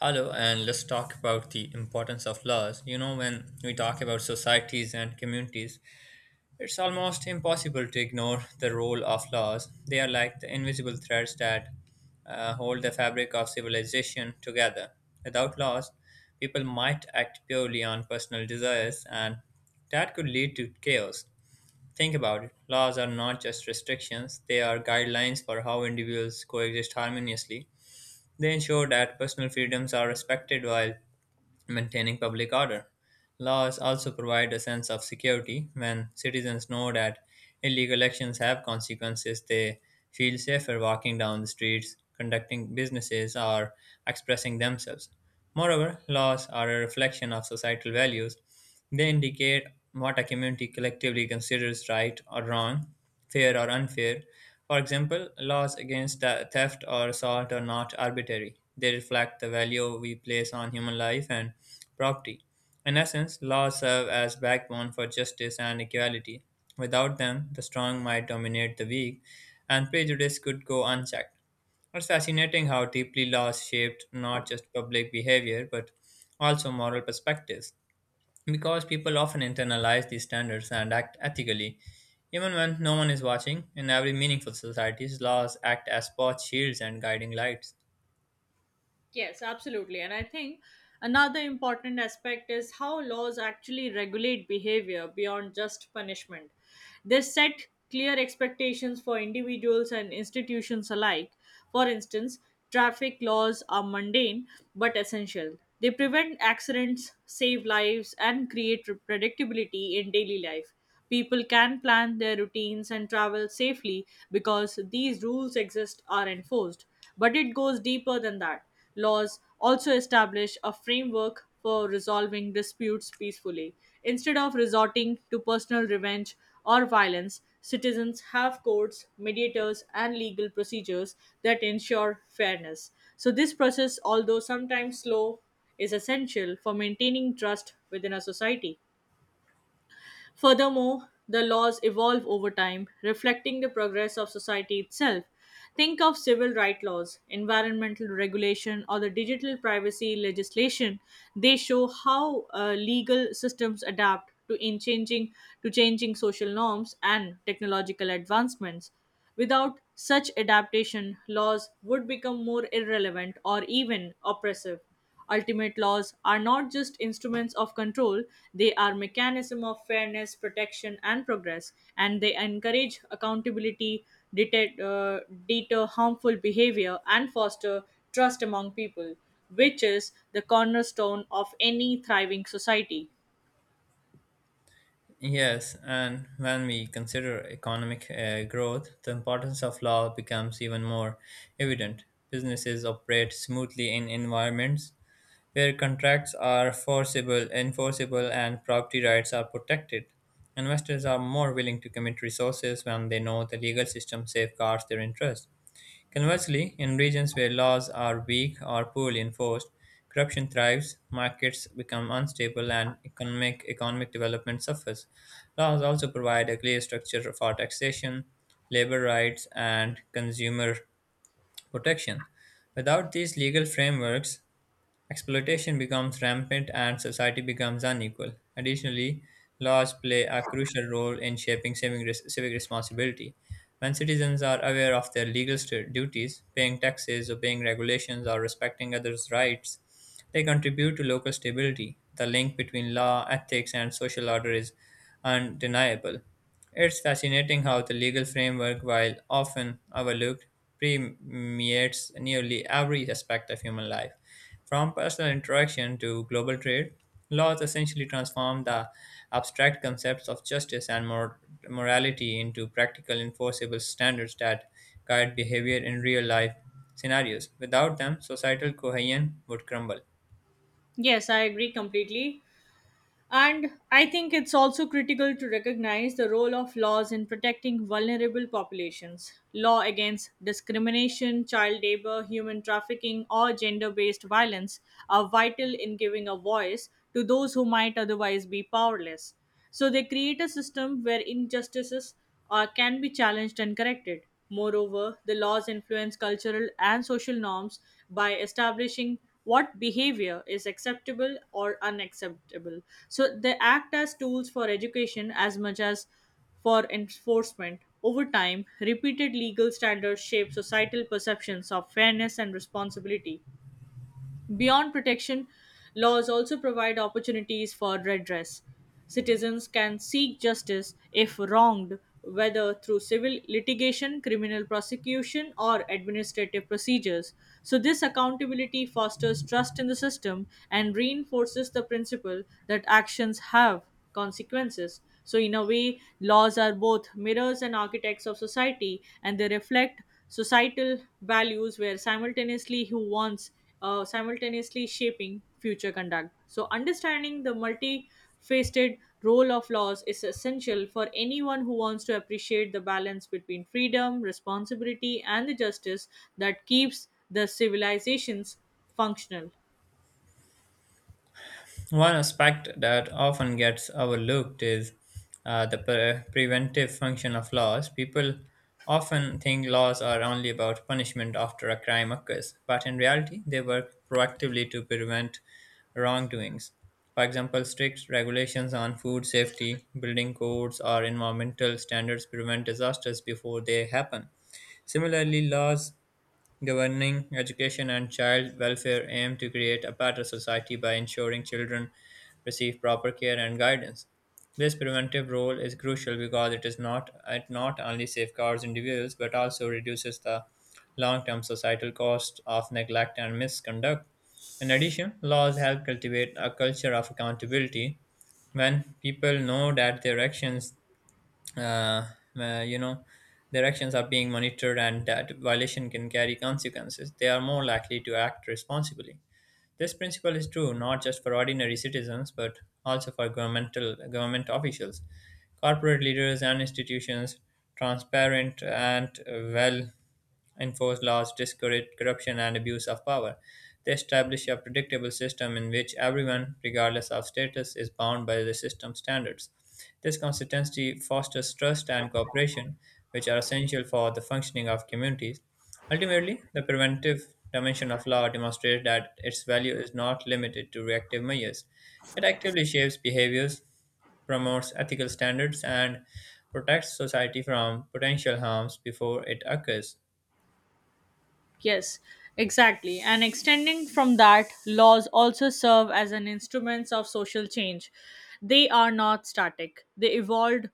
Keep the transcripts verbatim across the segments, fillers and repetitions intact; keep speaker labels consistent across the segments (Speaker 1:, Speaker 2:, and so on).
Speaker 1: Hello, and let's talk about the importance of laws. You know, when we talk about societies and communities, it's almost impossible to ignore the role of laws. They are like the invisible threads that uh, hold the fabric of civilization together. Without laws, people might act purely on personal desires, and that could lead to chaos. Think about it, laws are not just restrictions, they are guidelines for how individuals coexist harmoniously. They ensure that personal freedoms are respected while maintaining public order. Laws also provide a sense of security. When citizens know that illegal actions have consequences, they feel safer walking down the streets, conducting businesses, or expressing themselves. Moreover, laws are a reflection of societal values. They indicate what a community collectively considers right or wrong, fair or unfair. For example, laws against the- theft or assault are not arbitrary. They reflect the value we place on human life and property. In essence, laws serve as backbone for justice and equality. Without them, the strong might dominate the weak, and prejudice could go unchecked. It's fascinating how deeply laws shaped not just public behavior but also moral perspectives, because people often internalize these standards and act ethically, even when no one is watching. In every meaningful society, laws act as both shields and guiding lights.
Speaker 2: Yes, absolutely. And I think another important aspect is how laws actually regulate behavior beyond just punishment. They set clear expectations for individuals and institutions alike. For instance, traffic laws are mundane but essential. They prevent accidents, save lives, and create predictability in daily life. People can plan their routines and travel safely because these rules exist are enforced. But it goes deeper than that. Laws also establish a framework for resolving disputes peacefully. Instead of resorting to personal revenge or violence, citizens have courts, mediators, and legal procedures that ensure fairness. So, this process, although sometimes slow, is essential for maintaining trust within a society. Furthermore, the laws evolve over time, reflecting the progress of society itself. Think of civil rights laws, environmental regulation, or the digital privacy legislation. They show how uh, legal systems adapt to in changing to changing social norms and technological advancements. Without such adaptation, laws would become more irrelevant or even oppressive. Ultimate laws are not just instruments of control, they are mechanism of fairness, protection and progress, and they encourage accountability, deter, uh, deter harmful behavior and foster trust among people, which is the cornerstone of any thriving society.
Speaker 1: Yes, and when we consider economic uh, growth, the importance of law becomes even more evident. Businesses operate smoothly in environments where contracts are forcible, enforceable, and property rights are protected. Investors are more willing to commit resources when they know the legal system safeguards their interests. Conversely, in regions where laws are weak or poorly enforced, corruption thrives, markets become unstable, and economic, economic development suffers. Laws also provide a clear structure for taxation, labor rights, and consumer protection. Without these legal frameworks, exploitation becomes rampant and society becomes unequal. Additionally, laws play a crucial role in shaping civic res- civic responsibility. When citizens are aware of their legal st- duties, paying taxes, obeying regulations, or respecting others' rights, they contribute to local stability. The link between law, ethics, and social order is undeniable. It's fascinating how the legal framework, while often overlooked, permeates nearly every aspect of human life. From personal interaction to global trade, laws essentially transform the abstract concepts of justice and mor- morality into practical, enforceable standards that guide behavior in real life scenarios. Without them, societal cohesion would crumble.
Speaker 2: Yes, I agree completely. And I think it's also critical to recognize the role of laws in protecting vulnerable populations. Law against discrimination, child labor, human trafficking, or gender based violence are vital in giving a voice to those who might otherwise be powerless. So they create a system where injustices or can be challenged and corrected. Moreover, the laws influence cultural and social norms by establishing what behavior is acceptable or unacceptable. So they act as tools for education as much as for enforcement. Over time, repeated legal standards shape societal perceptions of fairness and responsibility. Beyond protection, laws also provide opportunities for redress. Citizens can seek justice if wronged, whether through civil litigation, criminal prosecution, or administrative procedures. So, this accountability fosters trust in the system and reinforces the principle that actions have consequences. So, in a way, laws are both mirrors and architects of society, and they reflect societal values where simultaneously who wants uh, simultaneously shaping future conduct. So, understanding the multifaceted role of laws is essential for anyone who wants to appreciate the balance between freedom, responsibility, and the justice that keeps the civilizations functional.
Speaker 1: One aspect that often gets overlooked is uh, the pre- preventive function of laws. People often think laws are only about punishment after a crime occurs, but in reality, they work proactively to prevent wrongdoings. For example, strict regulations on food safety, building codes, or environmental standards prevent disasters before they happen. Similarly, laws governing education and child welfare aim to create a better society by ensuring children receive proper care and guidance. This preventive role is crucial because it is not it not only safeguards individuals but also reduces the long-term societal cost of neglect and misconduct. In addition, laws help cultivate a culture of accountability. When people know that their actions uh, uh, you know their actions are being monitored and that violation can carry consequences, they are more likely to act responsibly. This principle is true not just for ordinary citizens but also for governmental government officials, corporate leaders and institutions. Transparent and well enforced laws discourage corruption and abuse of power. They establish a predictable system in which everyone, regardless of status, is bound by the system standards. This consistency fosters trust and cooperation, which are essential for the functioning of communities. Ultimately, the preventive dimension of law demonstrates that its value is not limited to reactive measures. It actively shapes behaviors, promotes ethical standards, and protects society from potential harms before it occurs.
Speaker 2: Yes, exactly. And extending from that, laws also serve as an instruments of social change. They are not static. They evolved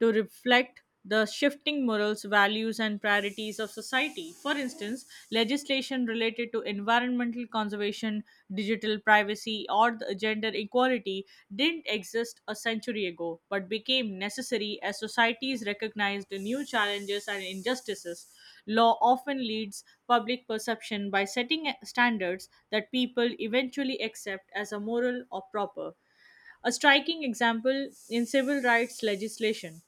Speaker 2: to reflect the shifting morals, values, and priorities of society. For instance, legislation related to environmental conservation, digital privacy, or the gender equality didn't exist a century ago, but became necessary as societies recognized new challenges and injustices. Law often leads public perception by setting standards that people eventually accept as a moral or proper. A striking example in civil rights legislation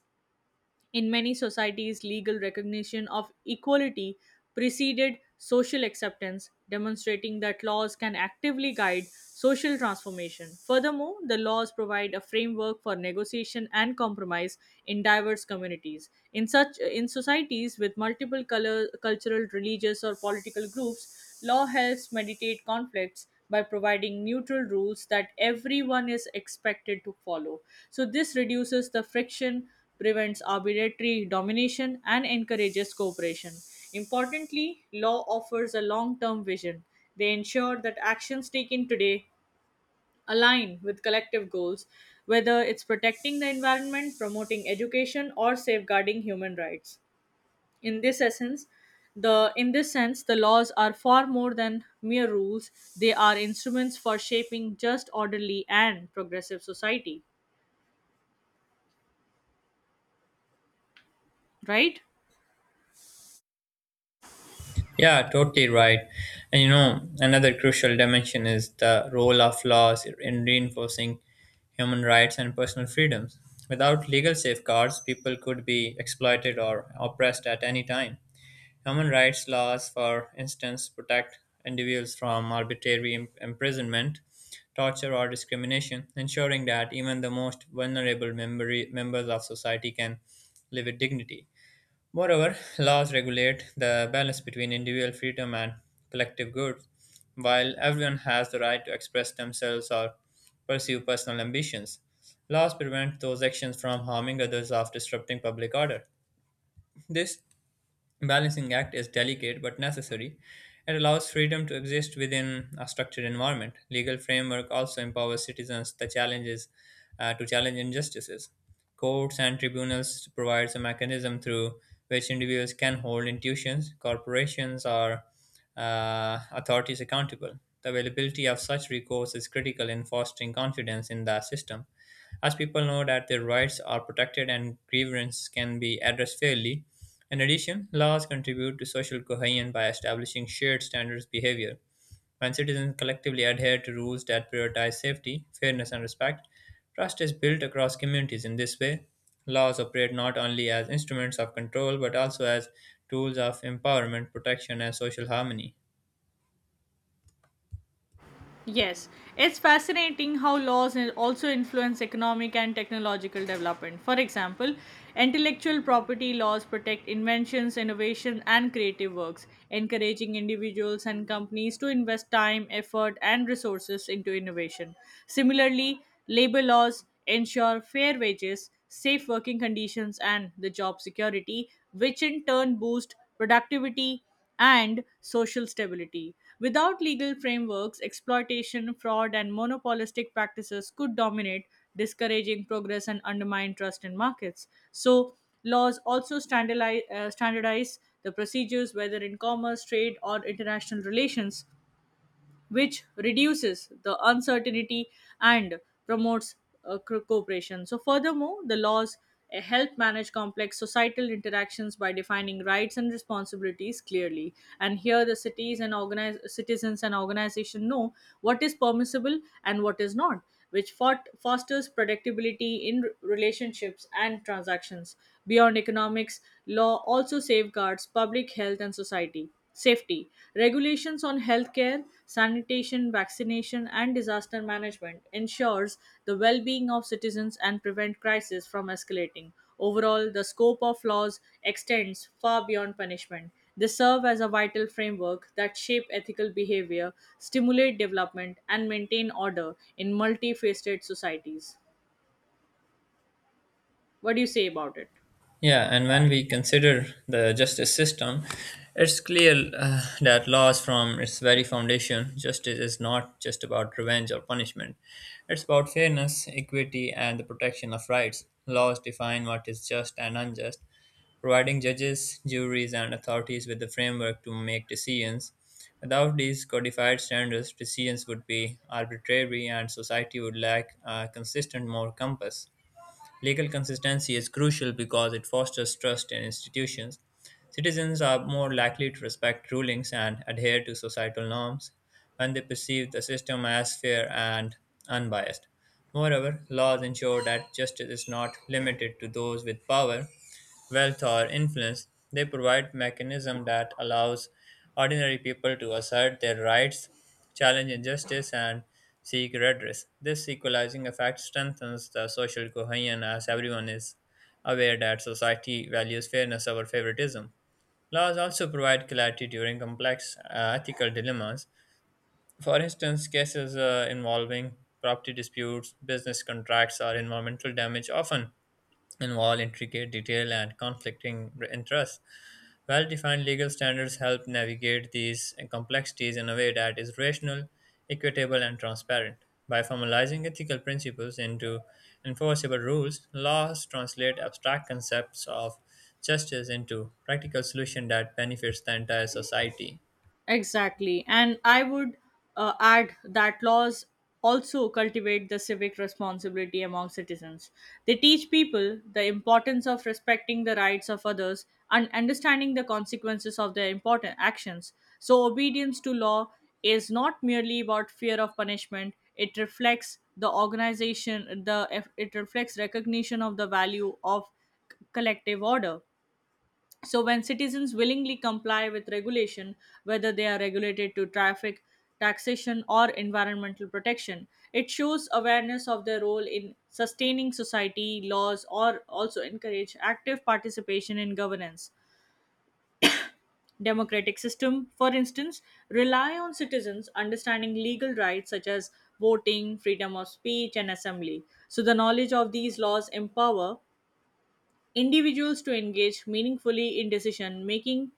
Speaker 2: in many societies, legal recognition of equality preceded social acceptance, demonstrating that laws can actively guide social transformation. Furthermore, the laws provide a framework for negotiation and compromise in diverse communities. In such in societies with multiple color, cultural, religious or political groups, law helps mediate conflicts by providing neutral rules that everyone is expected to follow. So, this reduces the friction, prevents arbitrary domination, and encourages cooperation. Importantly, law offers a long term vision. They ensure that actions taken today align with collective goals, whether it's protecting the environment, promoting education, or safeguarding human rights. In this essence, the in this sense, the laws are far more than mere rules. They are instruments for shaping just, orderly, and progressive society. Right?
Speaker 1: Yeah, totally right. And you know, another crucial dimension is the role of laws in reinforcing human rights and personal freedoms. Without legal safeguards, people could be exploited or oppressed at any time. Human rights laws, for instance, protect individuals from arbitrary im- imprisonment, torture, or discrimination, ensuring that even the most vulnerable member- members of society can live with dignity. Moreover, laws regulate the balance between individual freedom and collective good. While everyone has the right to express themselves or pursue personal ambitions, laws prevent those actions from harming others or disrupting public order. This balancing act is delicate but necessary. It allows freedom to exist within a structured environment. Legal framework also empowers citizens the challenges uh, to challenge injustices. Courts and tribunals provides a mechanism through which individuals can hold institutions, corporations, or uh, authorities accountable. The availability of such recourse is critical in fostering confidence in the system, as people know that their rights are protected and grievances can be addressed fairly. In addition, laws contribute to social cohesion by establishing shared standards of behavior. When citizens collectively adhere to rules that prioritize safety, fairness, and respect, trust is built across communities. In this way, laws operate not only as instruments of control but also as tools of empowerment, protection, and social harmony.
Speaker 2: Yes, it's fascinating how laws in- also influence economic and technological development. For example, intellectual property laws protect inventions, innovation, and creative works, encouraging individuals and companies to invest time, effort, and resources into innovation. Similarly, labor laws ensure fair wages, safe working conditions, and the job security, which in turn boost productivity and social stability. Without legal frameworks, exploitation, fraud, and monopolistic practices could dominate, discouraging progress and undermine trust in markets. So, laws also standardize, uh, standardize the procedures, whether in commerce, trade, or international relations, which reduces the uncertainty and promotes uh, co- cooperation. So, furthermore, the laws uh, help manage complex societal interactions by defining rights and responsibilities clearly. And here, the cities and organize, citizens and organizations know what is permissible and what is not, which fort- fosters predictability in r- relationships and transactions. Beyond economics, law also safeguards public health and society. Safety regulations on healthcare, sanitation, vaccination, and disaster management ensures the well-being of citizens and prevent crises from escalating. Overall, the scope of laws extends far beyond punishment. They serve as a vital framework that shape ethical behavior, stimulate development, and maintain order in multifaceted societies. What do you say about it?
Speaker 1: Yeah, and when we consider the justice system, it's clear uh, that laws from its very foundation, justice is not just about revenge or punishment. It's about fairness, equity, and the protection of rights. Laws define what is just and unjust, providing judges, juries, and authorities with the framework to make decisions. Without these codified standards, decisions would be arbitrary and society would lack a consistent moral compass. Legal consistency is crucial because it fosters trust in institutions. Citizens are more likely to respect rulings and adhere to societal norms when they perceive the system as fair and unbiased. Moreover, laws ensure that justice is not limited to those with power, wealth or influence. They provide mechanism that allows ordinary people to assert their rights, challenge injustice, and seek redress. This equalizing effect strengthens the social cohesion, as everyone is aware that society values fairness over favoritism. Laws also provide clarity during complex uh, ethical dilemmas. For instance, cases uh, involving property disputes, business contracts, or environmental damage often involve intricate detail and conflicting interests. Well defined legal standards help navigate these complexities in a way that is rational, equitable, and transparent. By formalizing ethical principles into enforceable rules, laws translate abstract concepts of justice into practical solutions that benefits the entire society.
Speaker 2: Exactly. And I would uh, add that laws also cultivate the civic responsibility among citizens. They teach people the importance of respecting the rights of others and understanding the consequences of their important actions. So, obedience to law is not merely about fear of punishment, it reflects the organization, the it reflects recognition of the value of collective order. So, when citizens willingly comply with regulation, whether they are regulated to traffic, taxation, or environmental protection, it shows awareness of their role in sustaining society, laws, or also encourage active participation in governance. Democratic system, for instance, rely on citizens understanding legal rights such as voting, freedom of speech, and assembly. So, the knowledge of these laws empower individuals to engage meaningfully in decision making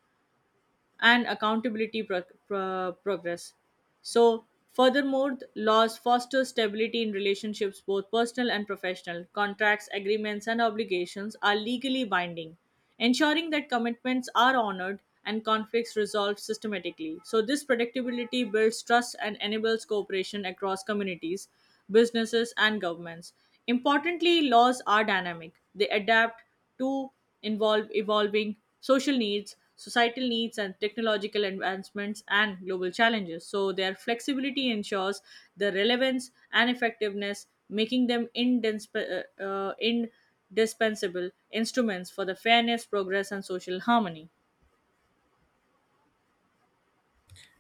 Speaker 2: and accountability pro- pro- progress. So, furthermore, th- laws foster stability in relationships, both personal and professional. Contracts, agreements, and obligations are legally binding, ensuring that commitments are honored and conflicts resolved systematically. So, this predictability builds trust and enables cooperation across communities, businesses, and governments. Importantly, laws are dynamic, they adapt to involve evolving social needs, societal needs, and technological advancements and global challenges. So, their flexibility ensures the relevance and effectiveness, making them indisp- uh, uh, indispensable instruments for the fairness, progress, and social harmony.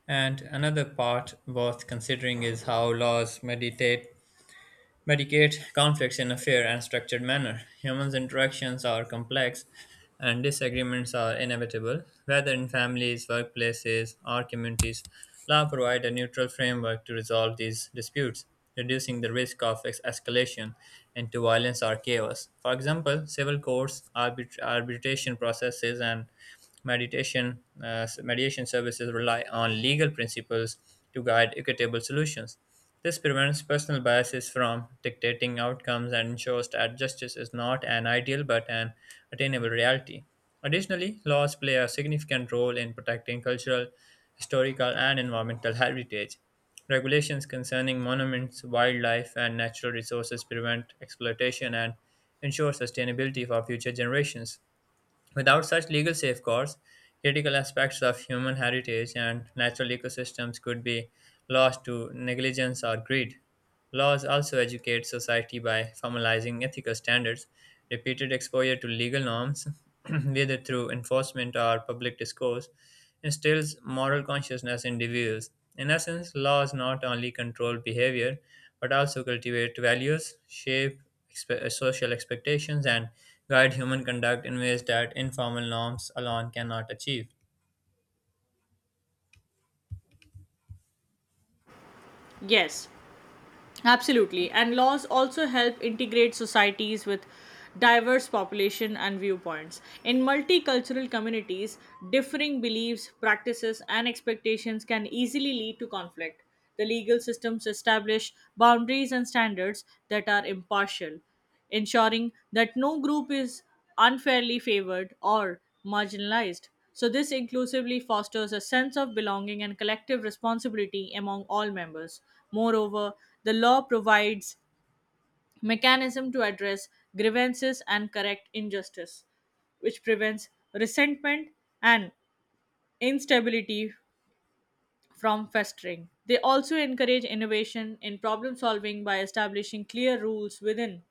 Speaker 1: And another part worth considering is how laws mediate mediate conflicts in a fair and structured manner. Humans' interactions are complex and disagreements are inevitable. Whether in families, workplaces, or communities, law provides a neutral framework to resolve these disputes, reducing the risk of ex- escalation into violence or chaos. For example, civil courts, arbit- arbitration processes, and mediation uh, mediation services rely on legal principles to guide equitable solutions. This prevents personal biases from dictating outcomes and ensures that justice is not an ideal but an attainable reality. Additionally, laws play a significant role in protecting cultural, historical, and environmental heritage. Regulations concerning monuments, wildlife, and natural resources prevent exploitation and ensure sustainability for future generations. Without such legal safeguards, critical aspects of human heritage and natural ecosystems could be lost to negligence or greed. Laws also educate society by formalizing ethical standards. Repeated exposure to legal norms, whether through enforcement or public discourse, instills moral consciousness in individuals. In essence, laws not only control behavior but also cultivate values, shape expe- uh, social expectations and guide human conduct in ways that informal norms alone cannot achieve.
Speaker 2: Yes, absolutely. And laws also help integrate societies with diverse population and viewpoints. In multicultural communities, differing beliefs, practices, and expectations can easily lead to conflict. The legal systems establish boundaries and standards that are impartial ensuring that no group is unfairly favored or marginalized. So, this inclusively fosters a sense of belonging and collective responsibility among all members. Moreover, the law provides mechanism to address grievances and correct injustice, which prevents resentment and instability from festering. They also encourage innovation in problem solving by establishing clear rules within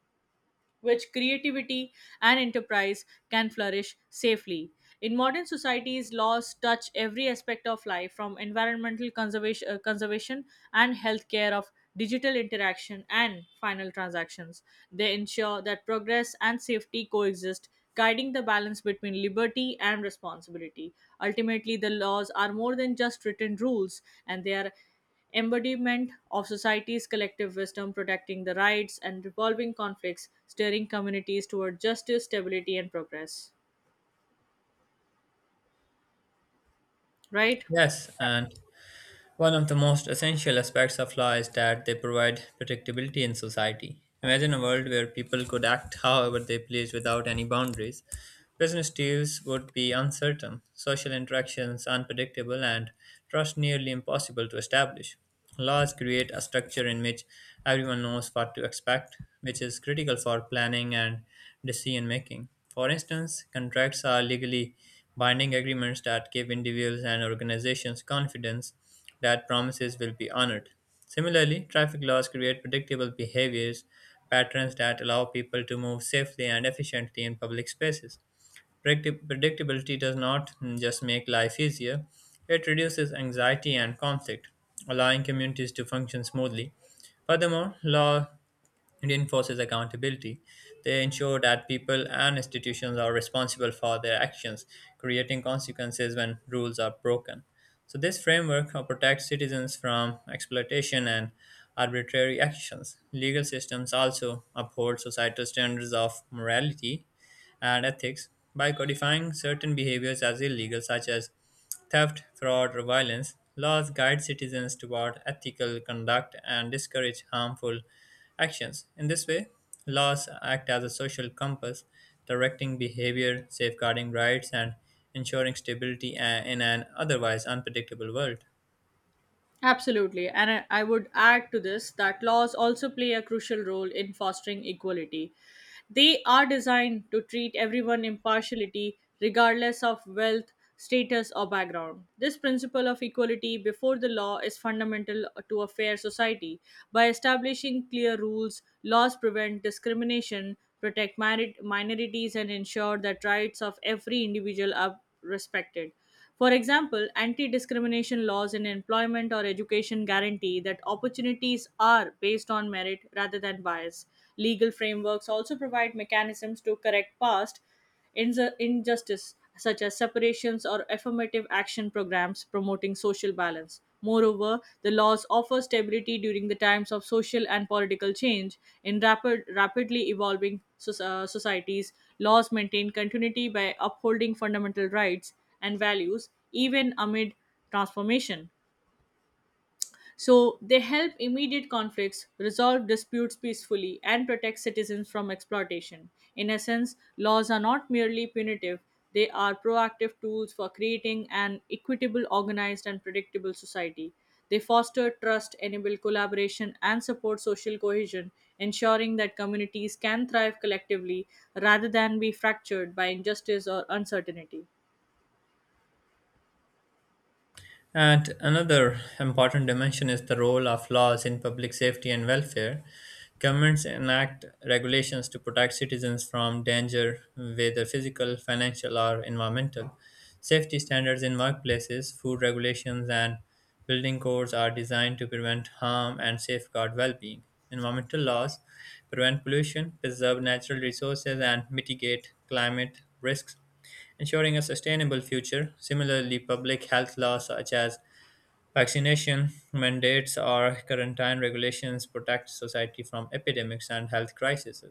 Speaker 2: which creativity and enterprise can flourish safely. In modern societies, laws touch every aspect of life from environmental conservation, uh, conservation and healthcare of digital interaction and final transactions. They ensure that progress and safety coexist, guiding the balance between liberty and responsibility. Ultimately, the laws are more than just written rules, and they are embodiment of society's collective wisdom, protecting the rights and resolving conflicts, steering communities toward justice, stability, and progress. Right?
Speaker 1: Yes, and one of the most essential aspects of law is that they provide predictability in society. Imagine a world where people could act however they please without any boundaries. Business deals would be uncertain, social interactions unpredictable, and trust nearly impossible to establish. Laws create a structure in which everyone knows what to expect, which is critical for planning and decision making. For instance, contracts are legally binding agreements that give individuals and organizations confidence that promises will be honored. Similarly, traffic laws create predictable behaviors patterns that allow people to move safely and efficiently in public spaces. Predicti- Predictability does not mm, just make life easier, it reduces anxiety and conflict, allowing communities to function smoothly. Furthermore, law it enforces accountability. They ensure that people and institutions are responsible for their actions, creating consequences when rules are broken. So, this framework uh, protects citizens from exploitation and arbitrary actions. Legal systems also uphold societal standards of morality and ethics. By codifying certain behaviors as illegal, such as theft, fraud, or violence, laws guide citizens toward ethical conduct and discourage harmful actions. In this way, laws act as a social compass, directing behavior, safeguarding rights, and ensuring stability uh, in an otherwise unpredictable world.
Speaker 2: Absolutely. And I, I would add to this that laws also play a crucial role in fostering equality. They are designed to treat everyone impartiality regardless of wealth, status or background. This principle of equality before the law is fundamental to a fair society. By establishing clear rules, laws prevent discrimination, protect mari- minorities and ensure that rights of every individual are respected for example, anti discrimination laws in employment or education guarantee that opportunities are based on merit rather than bias. Legal frameworks also provide mechanisms to correct past inju- injustice, such as separations or affirmative action programs promoting social balance. Moreover, the laws offer stability during the times of social and political change. In rapid, rapidly evolving soc- uh, societies, laws maintain continuity by upholding fundamental rights and values, even amid transformation. So, they help immediate conflicts, resolve disputes peacefully, and protect citizens from exploitation. In essence, laws are not merely punitive, they are proactive tools for creating an equitable, organized, and predictable society. They foster trust, enable collaboration, and support social cohesion, ensuring that communities can thrive collectively rather than be fractured by injustice or uncertainty.
Speaker 1: And another important dimension is the role of laws in public safety and welfare. Governments enact regulations to protect citizens from danger, whether physical, financial, or environmental. Safety standards in workplaces, food regulations, and building codes are designed to prevent harm and safeguard well being. Environmental laws prevent pollution, preserve natural resources, and mitigate climate risks, ensuring a sustainable future. Similarly, public health laws such as vaccination mandates or quarantine regulations protect society from epidemics and health crises.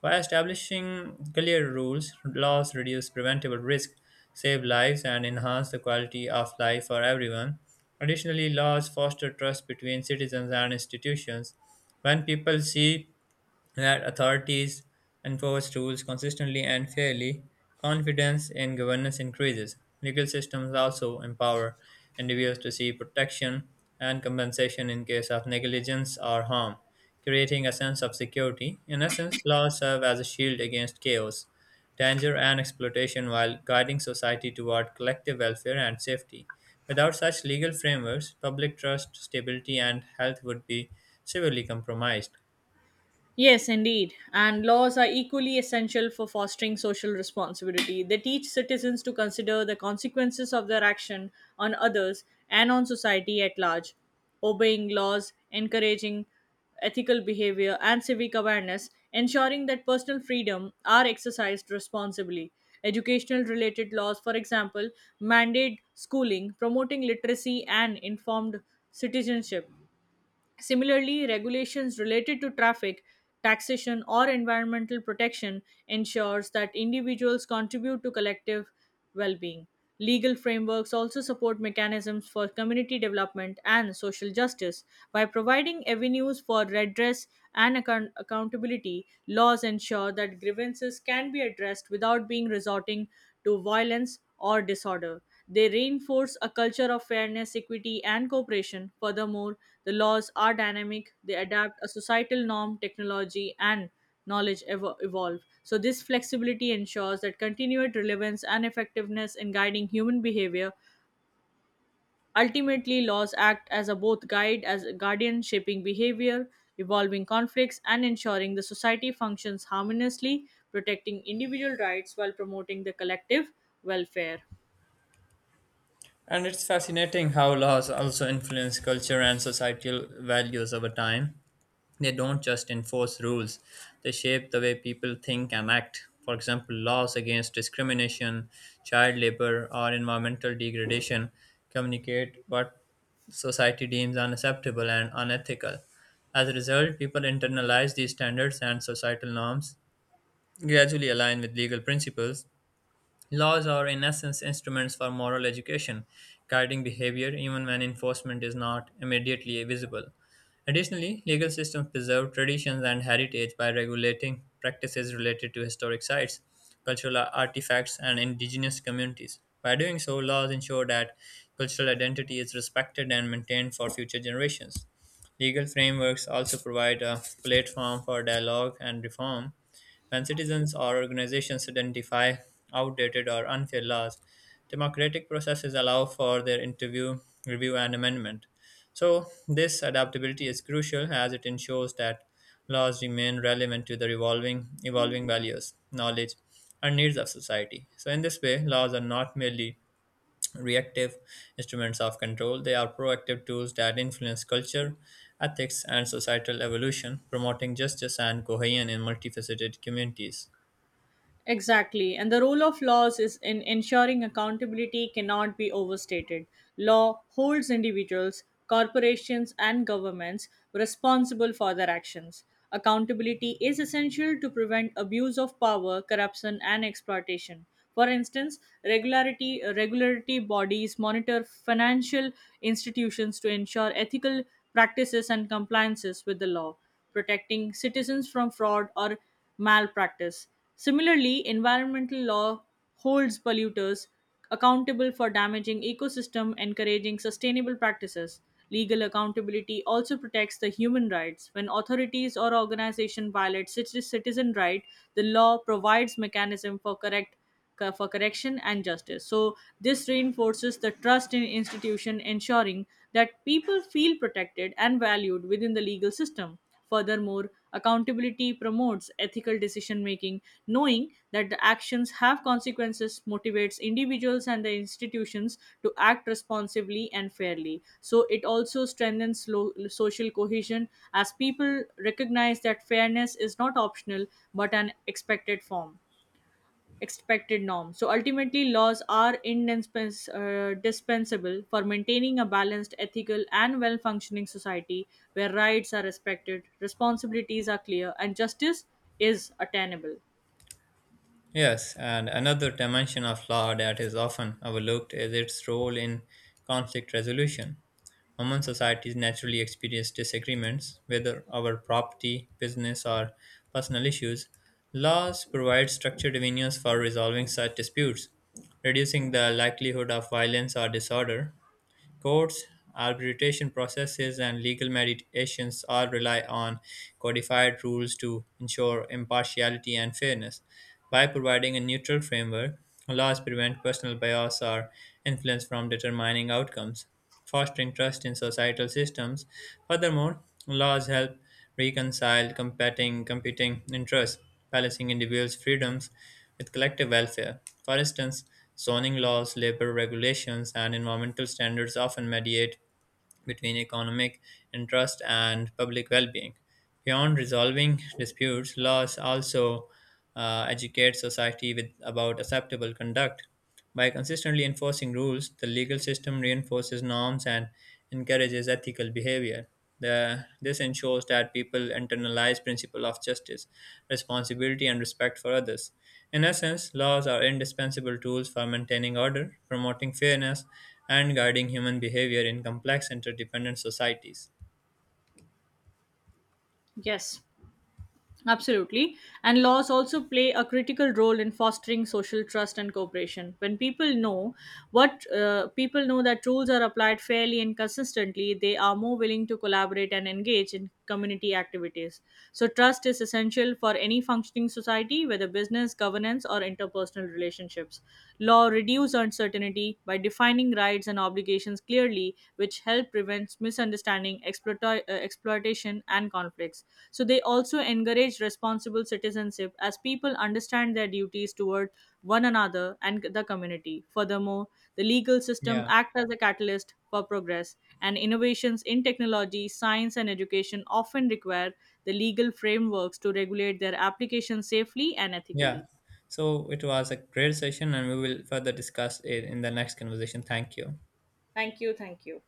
Speaker 1: By establishing clear rules, laws reduce preventable risk, save lives, and enhance the quality of life for everyone. Additionally, laws foster trust between citizens and institutions. When people see that authorities enforce rules consistently and fairly, confidence in governance increases. Legal systems also empower individuals to see protection and compensation in case of negligence or harm creating a sense of security. In essence, laws serve as a shield against chaos, danger, and exploitation while guiding society toward collective welfare and safety. Without such legal frameworks, public trust, stability, and health would be severely compromised.
Speaker 2: Yes, indeed. And laws are equally essential for fostering social responsibility. They teach citizens to consider the consequences of their action on others and on society at large. Obeying laws, encouraging ethical behavior, and civic awareness, ensuring that personal freedom are exercised responsibly. Educational related laws, for example, mandate schooling, promoting literacy and informed citizenship. Similarly, regulations related to traffic, taxation, or environmental protection ensures that individuals contribute to collective well-being. Legal frameworks also support mechanisms for community development and social justice. By providing avenues for redress and account- accountability, laws ensure that grievances can be addressed without being resorting to violence or disorder. They reinforce a culture of fairness, equity, and cooperation. Furthermore, the laws are dynamic, they adapt a societal norm, technology, and knowledge evo- evolve. So, this flexibility ensures that continued relevance and effectiveness in guiding human behavior. Ultimately, laws act as a both guide as a guardian, shaping behavior, evolving conflicts, and ensuring the society functions harmoniously, protecting individual rights while promoting the collective welfare.
Speaker 1: And it's fascinating how laws also influence culture and societal values over time. They don't just enforce rules, they shape the way people think and act. For example, laws against discrimination, child labor, or environmental degradation communicate what society deems unacceptable and unethical. As a result, people internalize these standards and societal norms, gradually align with legal principles. Laws are, in essence, instruments for moral education, guiding behavior even when enforcement is not immediately visible. Additionally, legal systems preserve traditions and heritage by regulating practices related to historic sites, cultural artifacts, and indigenous communities. By doing so, laws ensure that cultural identity is respected and maintained for future generations. Legal frameworks also provide a platform for dialogue and reform when citizens or organizations identify outdated or unfair laws, democratic processes allow for their interview, review, and amendment. So, this adaptability is crucial as it ensures that laws remain relevant to the revolving, evolving values, knowledge, and needs of society. So, in this way, laws are not merely reactive instruments of control. They are proactive tools that influence culture, ethics, and societal evolution, promoting justice and cohesion in multifaceted communities.
Speaker 2: Exactly. And the role of laws is in ensuring accountability cannot be overstated. Law holds individuals, corporations, and governments responsible for their actions. Accountability is essential to prevent abuse of power, corruption, and exploitation. For instance, regularity regularity bodies monitor financial institutions to ensure ethical practices and compliances with the law protecting citizens from fraud or malpractice. Similarly, environmental law holds polluters accountable for damaging ecosystem encouraging sustainable practices legal accountability also protects the human rights when authorities or organization violate citi- citizen right the law provides mechanism for correct co- for correction and justice. So this reinforces the trust in institution, ensuring that people feel protected and valued within the legal system. Furthermore, accountability promotes ethical decision making, knowing that the actions have consequences motivates individuals and the institutions to act responsibly and fairly. So, it also strengthens lo- social cohesion as people recognize that fairness is not optional but an expected form expected norm. So ultimately, laws are indispens- uh, dispensable for maintaining a balanced, ethical, and well functioning society where rights are respected, responsibilities are clear, and justice is attainable.
Speaker 1: Yes, and another dimension of law that is often overlooked is its role in conflict resolution. Human societies naturally experience disagreements, whether over property, business, or personal issues. Laws provide structured avenues for resolving such disputes, reducing the likelihood of violence or disorder. Courts, arbitration processes, and legal mediations all rely on codified rules to ensure impartiality and fairness. By providing a neutral framework, laws prevent personal bias or influence from determining outcomes, fostering trust in societal systems. Furthermore, laws help reconcile competing competing interests balancing individuals' freedoms with collective welfare. For instance, zoning laws, labor regulations, and environmental standards often mediate between economic interest and public well being. Beyond resolving disputes, laws also uh, educate society with, about acceptable conduct. By consistently enforcing rules, the legal system reinforces norms and encourages ethical behavior. The, this ensures that people internalize principle of justice, responsibility, and respect for others. In essence, laws are indispensable tools for maintaining order, promoting fairness, and guiding human behavior in complex interdependent societies.
Speaker 2: Yes. Absolutely. And laws also play a critical role in fostering social trust and cooperation. When people know what uh, people know that rules are applied fairly and consistently, they are more willing to collaborate and engage in community activities. So trust is essential for any functioning society, whether business, governance, or interpersonal relationships. Law reduces uncertainty by defining rights and obligations clearly plea which help prevents misunderstanding exploita- uh, exploitation and conflicts so they also encourage responsible citizenship as people understand their duties toward one another and the community furthermore the legal system
Speaker 1: Yeah,
Speaker 2: act as a catalyst for progress and innovations in technology science and education often require the legal frameworks to regulate their application safely and ethically.
Speaker 1: yeah. So it was a great session, and we will further discuss it in the next conversation. Thank you.
Speaker 2: Thank you thank you